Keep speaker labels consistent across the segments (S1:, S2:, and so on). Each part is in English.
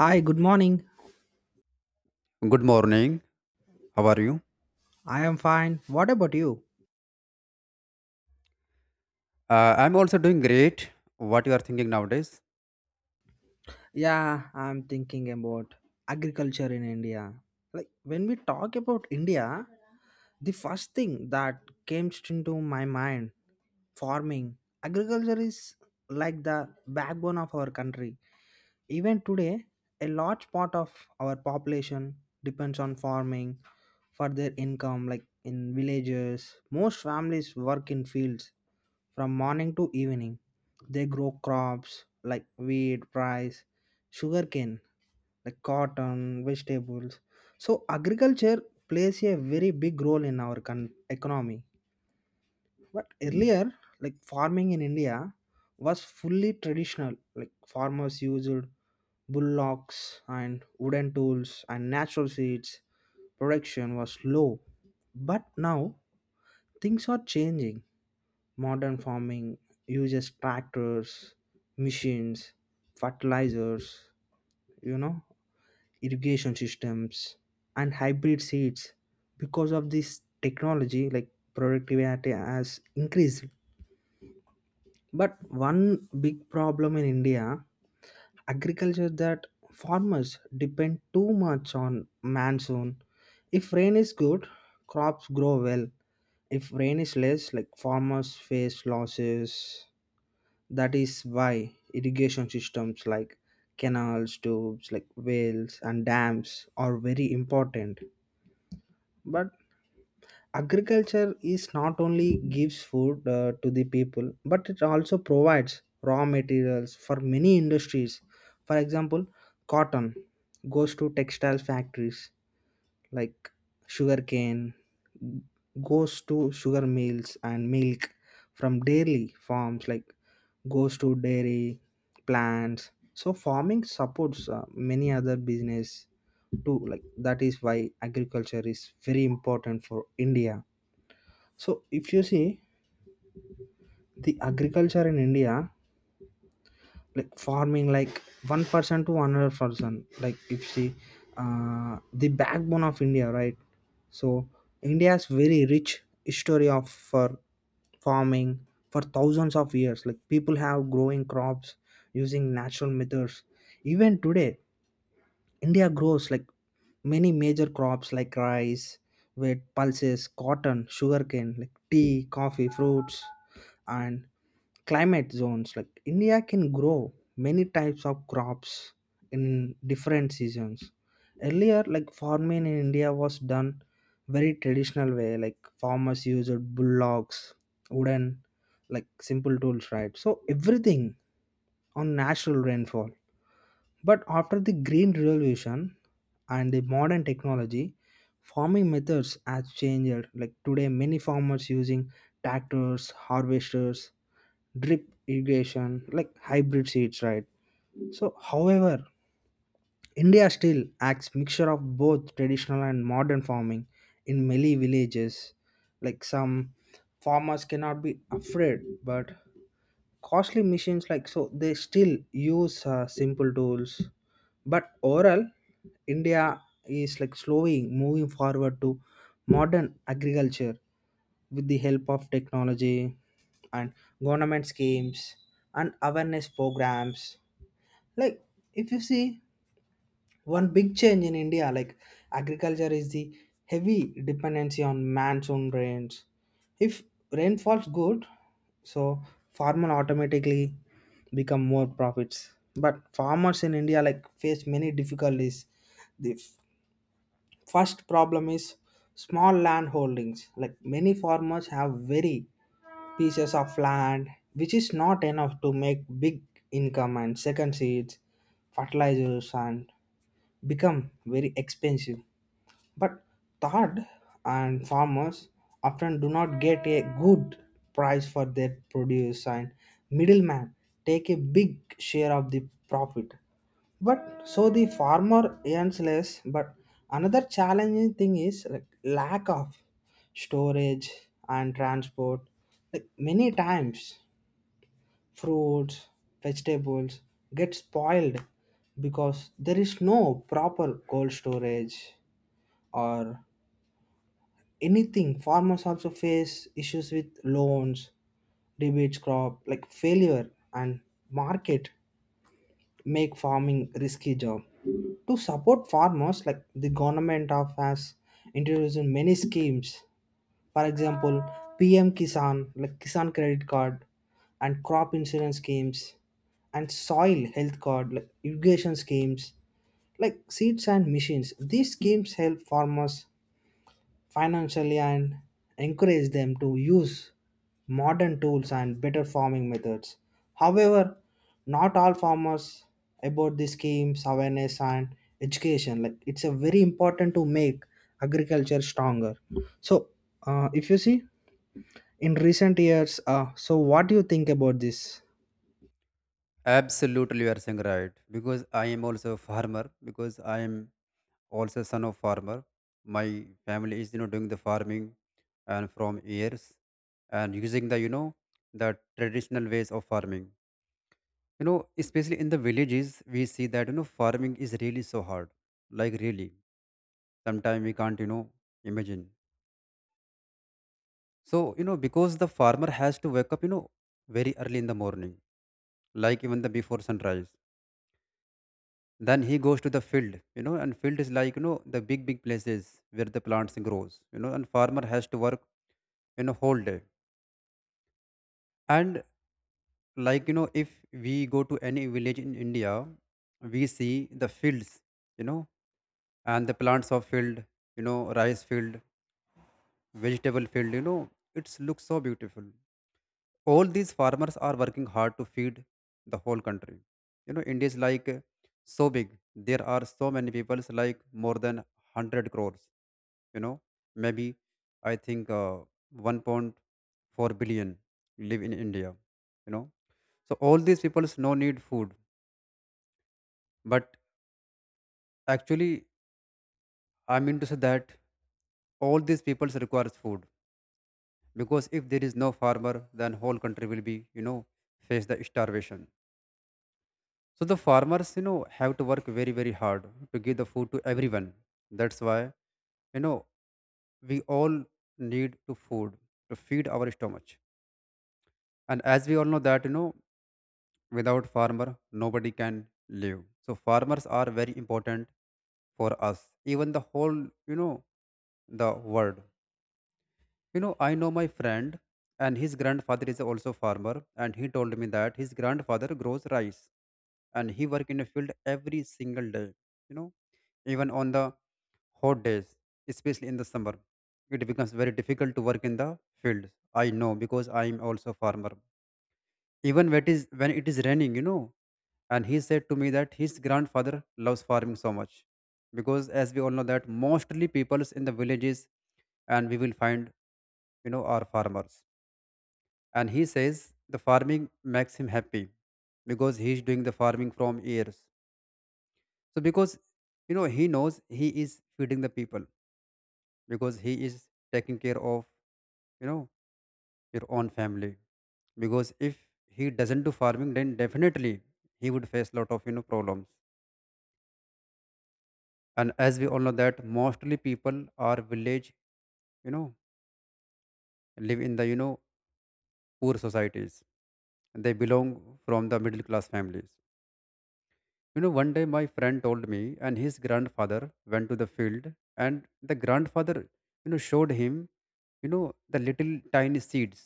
S1: Hi, good morning.
S2: Good morning. How are you?
S1: I am fine. What about you?
S2: I'm also doing great. What you are thinking nowadays?
S1: Yeah, I'm thinking about agriculture in India. Like when we talk about India, the first thing that came into my mind farming. Agriculture is like the backbone of our country. Even today, a large part of our population depends on farming for their income, like in villages. Most families work in fields from morning to evening. They grow crops like wheat, rice, sugarcane, like cotton, vegetables. So, agriculture plays a very big role in our economy. But earlier, like farming in India was fully traditional. Like farmers used bullocks and wooden tools and natural seeds. Production was low. But now things are changing. Modern farming uses tractors, machines, fertilizers, you know, irrigation systems, and hybrid seeds. Because of this technology, like productivity has increased. But one big problem in India, agriculture is that farmers depend too much on monsoon. If rain is good, crops grow well. If rain is less, like farmers face losses. That is why irrigation systems like canals, tubes, like wells and dams are very important. But agriculture is not only gives food to the people, but it also provides raw materials for many industries. For example, cotton goes to textile factories, like sugarcane goes to sugar mills, and milk from dairy farms like goes to dairy plants. So farming supports many other business too, like that is why agriculture is very important for India. So if you see the agriculture in India, like farming, like one person to another person, like if you see the backbone of India, right? So India has very rich history of for farming for thousands of years. Like people have growing crops using natural methods. Even today, India grows like many major crops like rice, wheat, pulses, cotton, sugarcane, like tea, coffee, fruits, and climate zones like India can grow many types of crops in different seasons. Earlier like farming in India was done very traditional way, like farmers used bullocks, wooden, like simple tools, right? So everything on natural rainfall, but after the green revolution and the modern technology, farming methods has changed. Like today many farmers using tractors, harvesters, drip irrigation, like hybrid seeds, right? So however, India still acts mixture of both traditional and modern farming in many villages. Like some farmers cannot be afraid, but costly machines, like so they still use simple tools. But overall, India is like slowly moving forward to modern agriculture with the help of technology and government schemes and awareness programs. Like if you see one big change in India, like agriculture is the heavy dependency on monsoon rains. If rain falls good, so farmer automatically become more profits. But farmers in India like face many difficulties. The first problem is small land holdings. Like many farmers have very pieces of land, which is not enough to make big income. And second, seeds, fertilizers, and become very expensive. But third, and farmers often do not get a good price for their produce, and middlemen take a big share of the profit. But so the farmer earns less. But another challenging thing is like lack of storage and transport. Like many times fruits, vegetables get spoiled because there is no proper cold storage or anything. Farmers also face issues with loans, debates crop, like failure, and market make farming risky job. To support farmers, like the government of has introduced many schemes. For example, PM Kisan, like Kisan Credit Card, and crop insurance schemes, and soil health card, like irrigation schemes, like seeds and machines. These schemes help farmers financially and encourage them to use modern tools and better farming methods. However, not all farmers about these schemes, awareness and education. Like it's a very important to make agriculture stronger. So if you see in recent years, so what do you think about this?
S2: Absolutely, you are saying right. Because I am also a farmer. Because I am also son of farmer. My family is doing the farming, and from years, and using the you know the traditional ways of farming. Especially in the villages, we see that farming is really so hard. Like really, sometimes we can't imagine. So, because the farmer has to wake up, very early in the morning, like even the before sunrise. Then he goes to the field, and field is like, the big, big places where the plants grows, and farmer has to work, whole day. And like, if we go to any village in India, we see the fields, you know, and the plants of field, rice field, vegetable field, it looks so beautiful. All these farmers are working hard to feed the whole country. India is like, so big. There are so many people, like more than 100 crores you know maybe I think, 1.4 billion live in india you know so all these people's no need food. But actually, I mean to say that all these peoples requires food. Because if there is no farmer, then whole country will be face the starvation. So the farmers, have to work very, very hard to give the food to everyone. That's why, you know, we all need to food to feed our stomach. And as we all know that, without farmer, nobody can live. So farmers are very important for us, even the whole, you know, the world. I know my friend, and his grandfather is also farmer, and he told me that his grandfather grows rice and he work in a field every single day you know even on the hot days, especially in the summer. It becomes very difficult to work in the fields. I know because I am also a farmer. Even when it is raining. And he said to me that his grandfather loves farming so much because, as we all know, that mostly peoples in the villages, and we will find our farmers. And he says the farming makes him happy because he is doing the farming from years. So because he knows he is feeding the people, because he is taking care of know your own family, because if he doesn't do farming, then definitely he would face lot of problems. And as we all know that mostly people are village you know live in the poor societies. They belong from the middle class families. One day my friend told me, and his grandfather went to the field, and the grandfather showed him you know the little tiny seeds.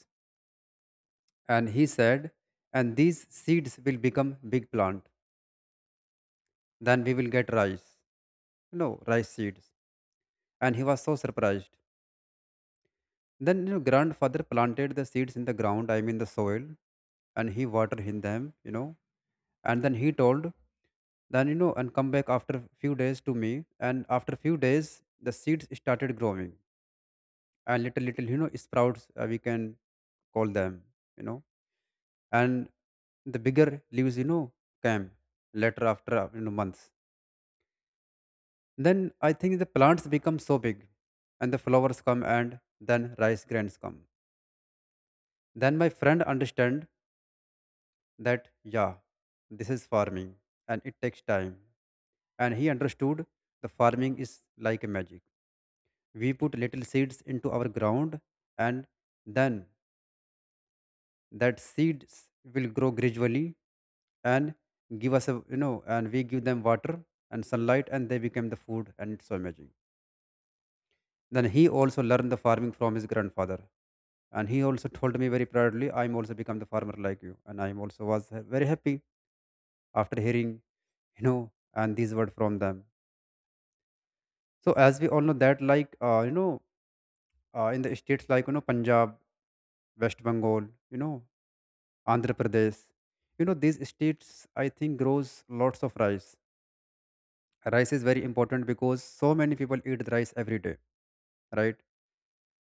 S2: And he said, and these seeds will become big plant. Then we will get rice. No, rice seeds. And he was so surprised. Then grandfather planted the seeds in the ground, I mean the soil, and he watered in them. And then he told, and come back after few days to me. And after few days, the seeds started growing, and little little, sprouts, we can call them, you know. And the bigger leaves, came later after months. Then I think the plants become so big, and the flowers come, and then rice grains come. Then my friend understand that yeah, this is farming, and it takes time. And he understood the farming is like a magic. We put little seeds into our ground, and then that seeds will grow gradually and give us and we give them water and sunlight, and they become the food, and it's so amazing. Then he also learned the farming from his grandfather, and he also told me very proudly, I'm also become the farmer like you, and I'm also was very happy after hearing you know and these words from them. So as we all know that, like in the states like Punjab, West Bengal you know Andhra Pradesh, these states, I think, grows lots of rice. Rice is very important because so many people eat rice every day, right?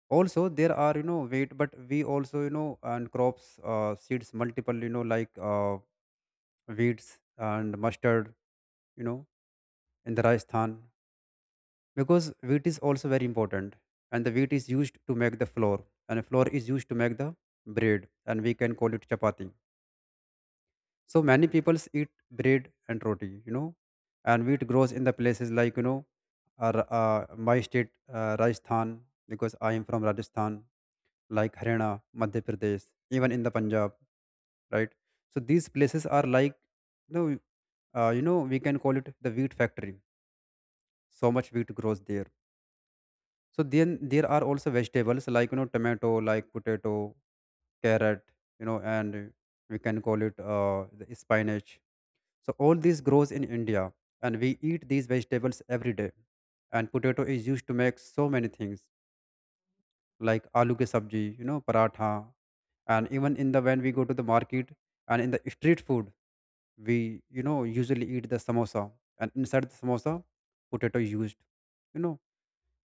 S2: Also there are wheat, but we also and crops, seeds multiple, like wheats and mustard, you know, in the Rajasthan, because wheat is also very important. And the wheat is used to make the flour, and flour is used to make the bread, and we can call it chapati. So many people eat bread and roti, and wheat grows in the places like, my state, Rajasthan, because I am from Rajasthan, like Haryana, Madhya Pradesh, even in the Punjab, right? So these places are like, you know, we can call it the wheat factory. So much wheat grows there. So then there are also vegetables like tomato, like potato, carrot, and we can call it the spinach. So all this grows in India, and we eat these vegetables every day. And potato is used to make so many things, like aloo ke sabji, paratha. And even in the when we go to the market, and in the street food, we usually eat the samosa. And inside the samosa, potato used,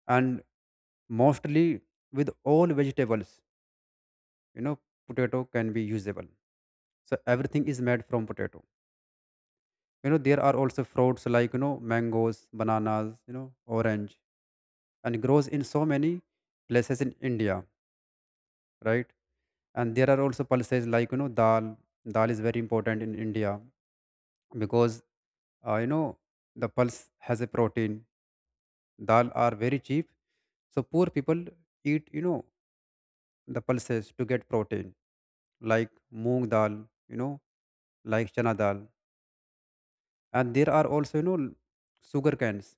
S2: and mostly, with all vegetables, you know potato can be usable. So everything is made from potato. There are also fruits like mangoes, bananas, orange, and grows in so many places in India, right? And there are also pulses like dal. Dal is very important in India, because uh, you know the pulse has a protein. Dal are very cheap, so poor people eat the pulses to get protein, like moong dal, you know like chana dal. And there are also sugar cans,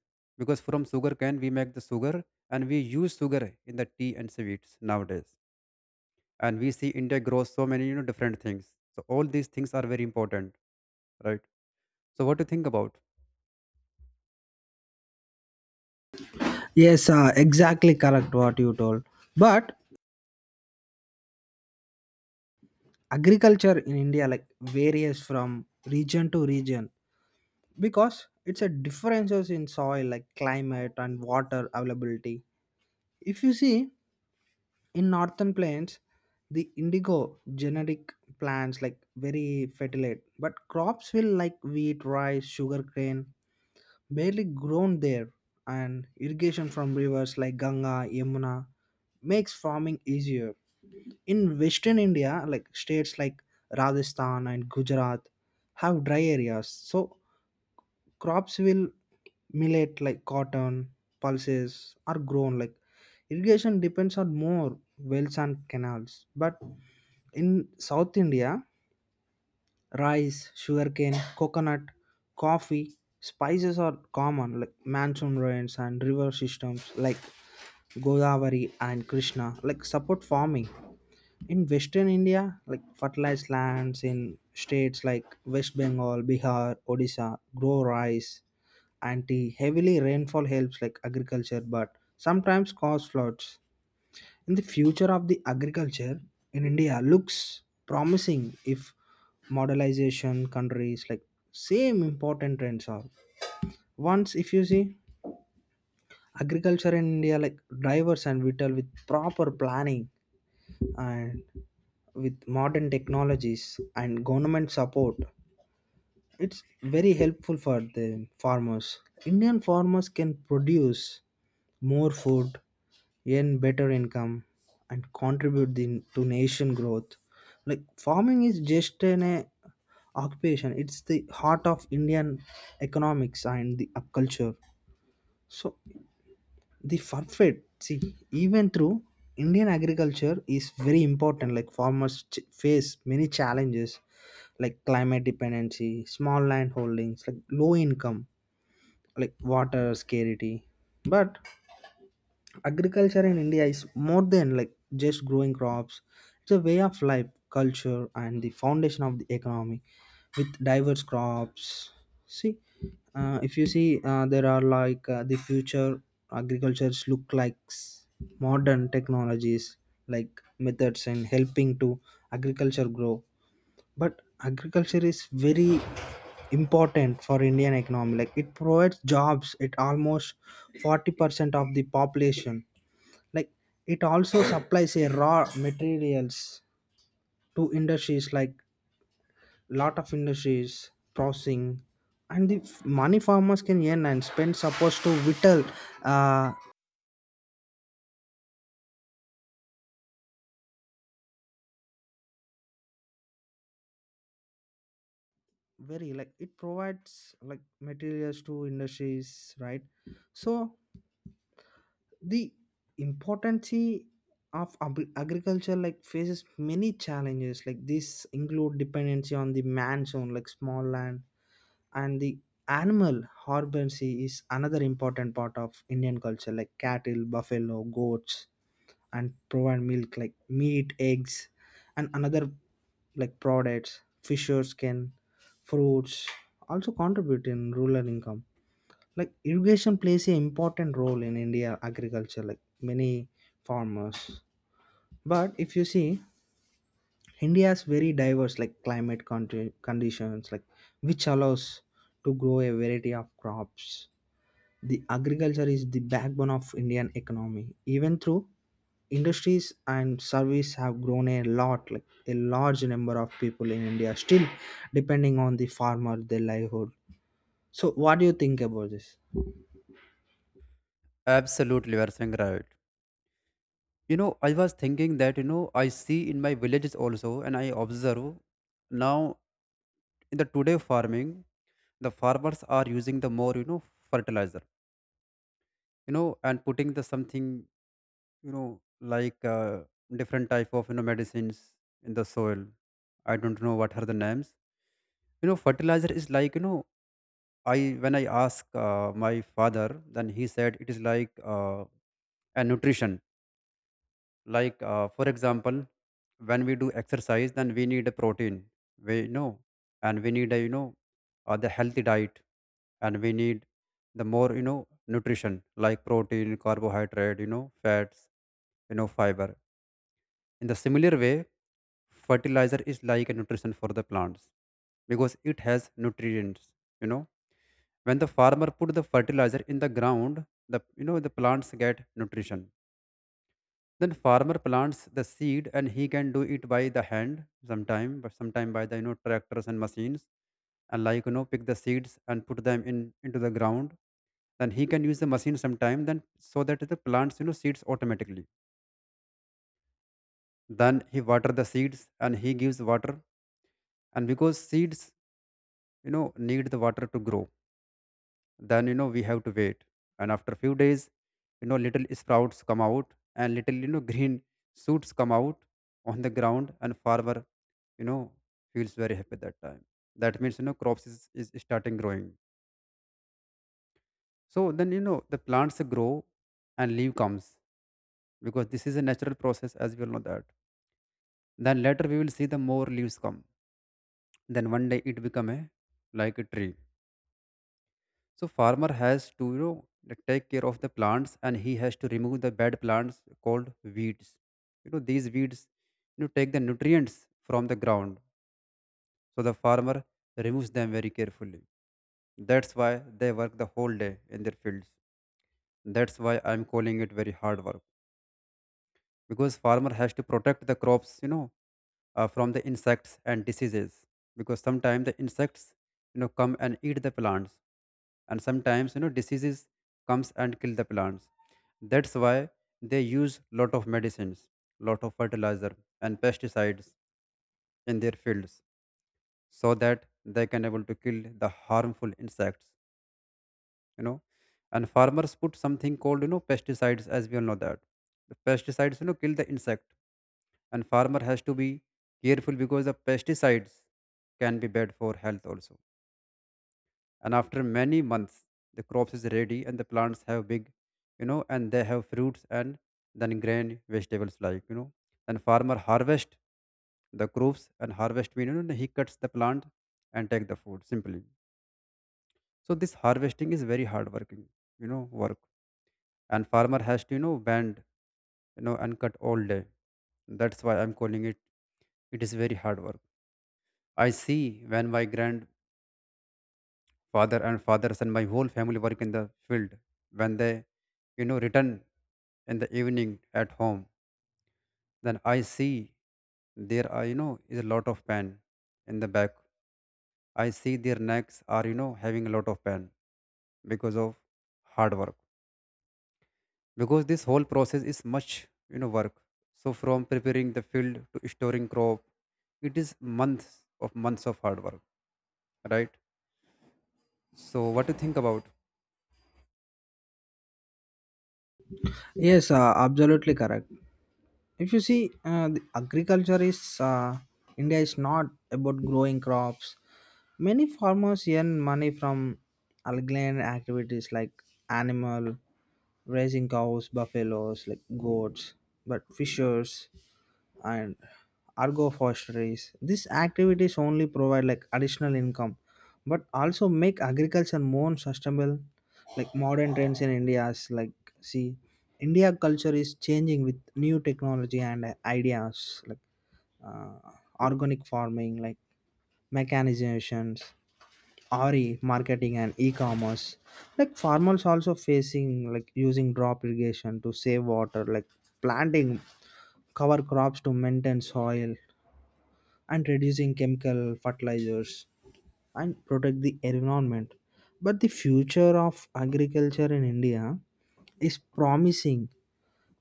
S2: because from sugar cane we make the sugar, and we use sugar in the tea and sweets nowadays. And we see India grows so many different things, so all these things are very important, right? So what do you think about?
S1: Yes, exactly correct what you told. But agriculture in India like varies from region to region because it's a differences in soil, like climate and water availability. If you see in northern plains, the indigo generic plants like very fertile, but crops will like wheat, rice, sugar cane barely grown there, and irrigation from rivers like Ganga, Yamuna makes farming easier. In western India, like states like Rajasthan and Gujarat have dry areas, so crops will millet like cotton, pulses are grown, like irrigation depends on more wells and canals. But in South India, rice, sugarcane, coconut, coffee, spices are common, like monsoon rains and river systems like Godavari and Krishna, like support farming. In Western India, like fertilized lands in states like West Bengal, Bihar, Odisha, grow rice and tea. Heavily rainfall helps like agriculture, but sometimes cause floods. And the future of the agriculture in India looks promising if modernization countries like same important trends are. Once if you see agriculture in India like diverse and vital with proper planning and with modern technologies and government support, it's very helpful for the farmers. Indian farmers can produce more food, earn better income, and contribute the, to nation growth. Like farming is just an occupation; it's the heart of Indian economics and the culture. So the forfeit see even through Indian agriculture is very important. Like farmers face many challenges like climate dependency, small land holdings, like low income, like water scarcity. But agriculture in India is more than like just growing crops. It's a way of life, culture, and the foundation of the economy with diverse crops. See, if you see there are like the future agricultures look like modern technologies like methods and helping to agriculture grow. But agriculture is very important for Indian economy, like it provides jobs at almost 40% of the population. Like it also supplies a raw materials to industries, like lot of industries processing, and the money farmers can earn and spend supposed to whittle, uh very, like it provides like materials to industries, right? So the importance of agriculture like faces many challenges, like this include dependency on the man's own, like small land. And the animal husbandry is another important part of Indian culture, like cattle, buffalo, goats, and provide milk, like meat, eggs, and another like products, fishers can, fruits also contribute in rural income. Like irrigation plays an important role in India agriculture, like many farmers. But if you see, India has very diverse like climate conditions, like which allows to grow a variety of crops. The agriculture is the backbone of Indian economy. Even through industries and service have grown a lot, like a large number of people in India still depending on the farmer their livelihood. So what do you think about this?
S2: Absolutely, you are saying right. I was thinking that I see in my villages also, and I observe now in the today farming, the farmers are using the more fertilizer, and putting the something, you know like different type of medicines in the soil. I don't know what are the names. Fertilizer is like, I when I ask my father, then he said it is like, a nutrition. Like for example, when we do exercise, then we need a protein. We you know And we need a you know the healthy diet, and we need the more nutrition, like protein, carbohydrate, fats, fiber. In the similar way, fertilizer is like a nutrition for the plants, because it has nutrients you know when the farmer put the fertilizer in the ground, the you know the plants get nutrition. Then farmer plants the seed, and he can do it by the hand sometime, but sometime by the tractors and machines, and like pick the seeds and put them in into the ground. Then he can use the machine sometime, then so that the plants seeds automatically. Then he water the seeds, and he gives water. And because seeds need the water to grow, then we have to wait. And after few days, little sprouts come out, and little, green shoots come out on the ground, and farmer you know feels very happy that time. That means, crops is starting growing. So then the plants grow, and leaf comes, because this is a natural process, as we all know that. Then later we will see the more leaves come, then one day it become a like a tree. So farmer has to take care of the plants, and he has to remove the bad plants called weeds. These weeds take the nutrients from the ground. So the farmer removes them very carefully. That's why they work the whole day in their fields. That's why I'm calling it very hard work because farmer has to protect the crops from the insects and diseases because sometimes the insects come and eat the plants, and sometimes diseases comes and kill the plants. That's why they use lot of medicines, lot of fertilizer and pesticides in their fields, so that they can able to kill the harmful insects, you know, and farmers put something called pesticides, as we all know that the pesticides kill the insect. And farmer has to be careful because the pesticides can be bad for health also. And after many months, the crops is ready and the plants have big, and they have fruits and then grain vegetables, like. And farmer harvest the crops, and harvest mean, he cuts the plant and take the food simply. So this harvesting is very hard working, work, and farmer has to bend, and cut all day. That's why I'm calling it, it is very hard work. I see when my grandfather and fathers and my whole family work in the field, when they return in the evening at home, then I see there are is a lot of pain in the back. I see their necks are having a lot of pain because of hard work, because this whole process is much, work. So from preparing the field to storing crop, it is months months of hard work, right? So what to think about?
S1: Yes, absolutely correct. If you see the agriculture is, India is not about growing crops. Many farmers earn money from alien activities like animal raising, cows, buffaloes, like goats, but fishers and agroforestries. These activities only provide like additional income, but also make agriculture more sustainable. Like modern trends in India's, like see, India culture is changing with new technology and ideas like uh, organic farming, like mechanizations, RE marketing and e-commerce, like farmers also facing like using drop irrigation to save water, like planting cover crops to maintain soil and reducing chemical fertilizers and protect the environment. But the future of agriculture in India is promising,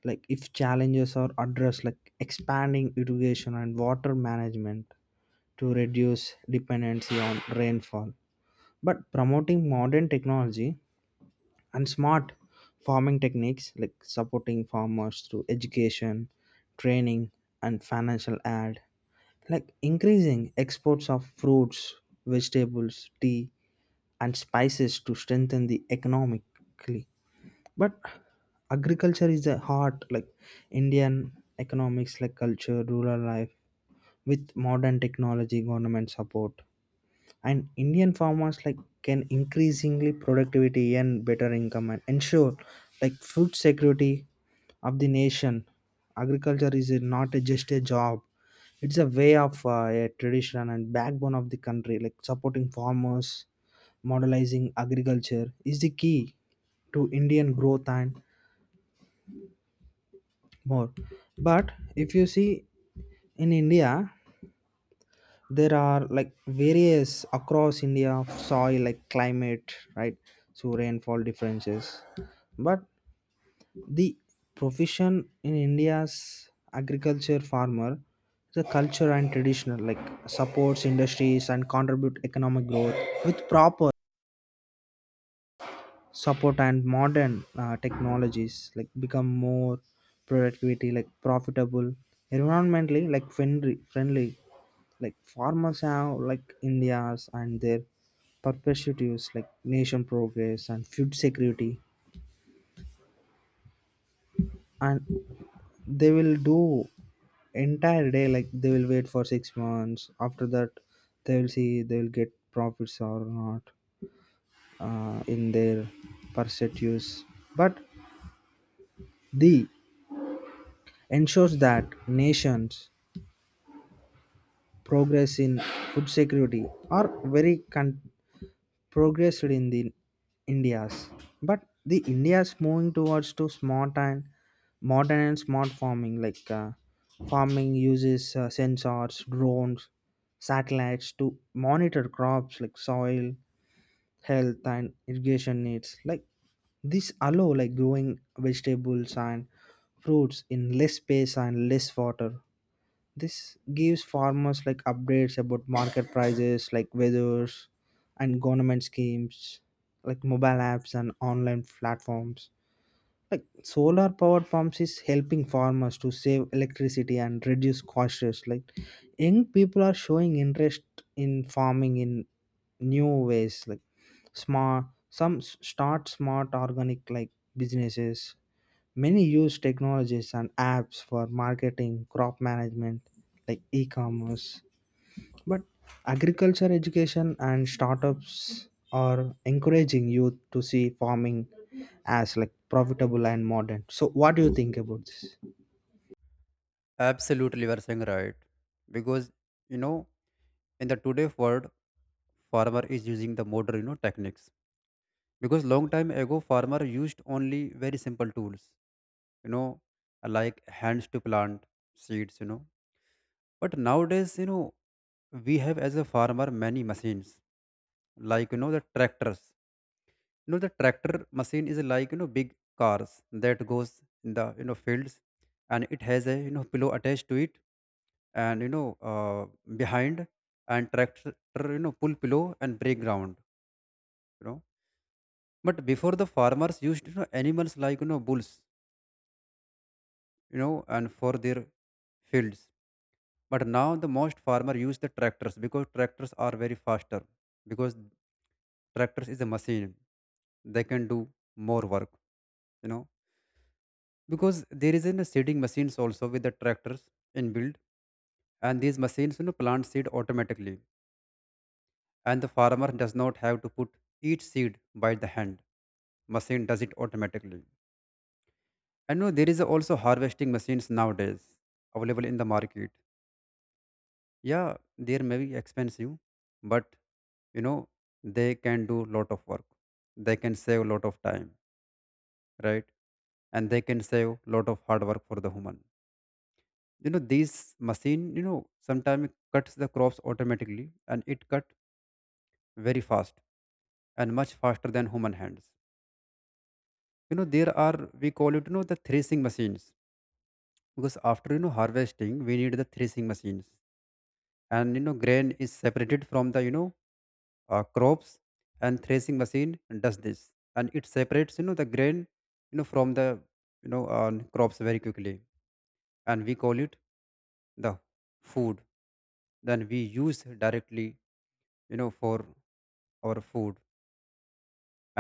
S1: like if challenges are addressed like expanding irrigation and water management to reduce dependency on rainfall, but promoting modern technology and smart farming techniques, like supporting farmers through education, training, and financial aid, like increasing exports of fruits, vegetables, tea, and spices to strengthen the economically. But agriculture is the heart, like Indian economics, like culture, rural life. With modern technology, government support, and Indian farmers like can increasingly productivity and better income and ensure like food security of the nation. Agriculture is not just a job, it's a way of a tradition and backbone of the country. Like supporting farmers, modernizing agriculture is the key to Indian growth and more. But if you see in India, there are like various across India of soil, like climate, right? So rainfall differences, but the profession in India's agriculture farmer, the culture and traditional like supports industries and contribute economic growth with proper support and modern technologies like become more productivity, like profitable, environmentally like friendly. Like farmers have like India's and their perpetuities like nation progress and food security. And they will do entire day, like they will wait for 6 months, after that they will see they will get profits or not in their pursuits. But the ensures that nations progress in food security are very progressed in the India's. But the India's moving towards to smart and modern and smart farming, like farming uses sensors, drones, satellites to monitor crops, like soil health and irrigation needs, like this allow like growing vegetables and fruits in less space and less water. This gives farmers like updates about market prices, like weathers and government schemes, like mobile apps and online platforms. Like solar power pumps is helping farmers to save electricity and reduce costs. Like young people are showing interest in farming in new ways, like smart, some start smart organic like businesses. Many use technologies and apps for marketing, crop management, like e commerce. But agriculture education and startups are encouraging youth to see farming as like profitable and modern. So, what do you think about this?
S2: Absolutely, you are saying right, because you know in the today world, farmer is using the modern techniques, because long time ago farmer used only very simple tools, you know like hands to plant seeds, but nowadays, we have as a farmer many machines, like the tractors. The tractor machine is like big cars that goes in the fields, and it has a pillow attached to it, and behind. And tractor, pull pillow and break ground, you know but before the farmers used animals, like bulls, and for their fields. But now the most farmer use the tractors, because tractors are very faster, because tractors is a machine, they can do more work, you know because there is in a seeding machines also with the tractors inbuilt, and these machines plant seed automatically, and the farmer does not have to put each seed by the hand. Machine does it automatically. And no, there is also harvesting machines nowadays available in the market, yeah. They may be expensive, but you know they can do lot of work, they can save lot of time, right? And they can save lot of hard work for the human. These machine sometimes cuts the crops automatically, and it cut very fast, and much faster than human hands. There are, we call it, the threshing machines, because after harvesting we need the threshing machines, and grain is separated from the crops. And threshing machine does this, and it separates the grain from the crops very quickly, and we call it the food. Then we use directly, for our food.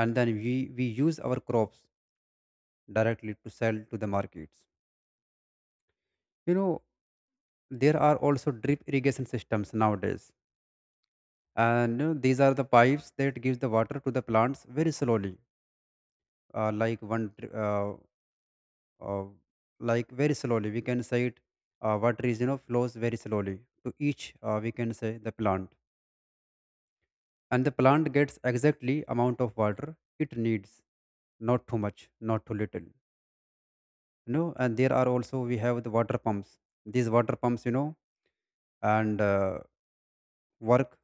S2: And then we use our crops directly to sell to the markets, you know there are also drip irrigation systems nowadays, and these are the pipes that gives the water to the plants very slowly. uh, like one dri- uh, uh, like very slowly, we can say it, water is, flows very slowly to each, we can say, the plant, and the plant gets exactly amount of water it needs, not too much, not too little. And there are also we have the water pumps. These water pumps, and work,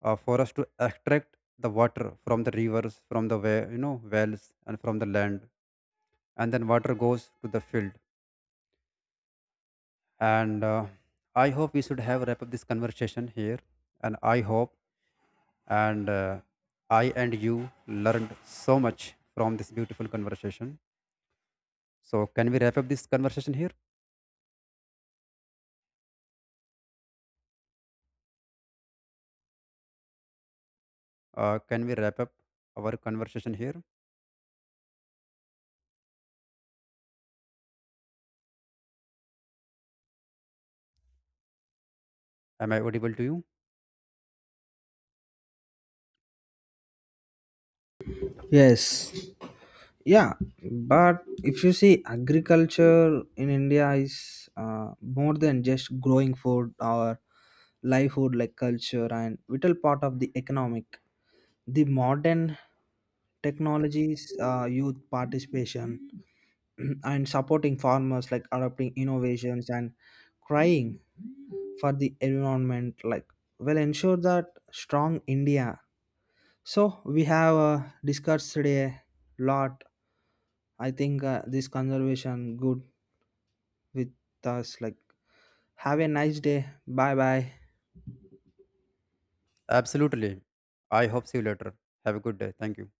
S2: for us to extract the water from the rivers, from the well, wells, and from the land, and then water goes to the field. And I hope we should have wrap up this conversation here, and I hope, and I and you learned so much from this beautiful conversation. So can we wrap up this conversation here? Can we wrap up our conversation here? Am I audible to you?
S1: Yes. Yeah, but if you see, agriculture in India is more than just growing food or livelihood, like culture and vital part of the economic, the modern technologies, youth participation and supporting farmers like adopting innovations and crying for the environment, like will ensure that strong India. So we have discussed today a lot. I think this conservation good with us, like have a nice day, bye bye.
S2: Absolutely. I hope see you later. Have a good day. Thank you.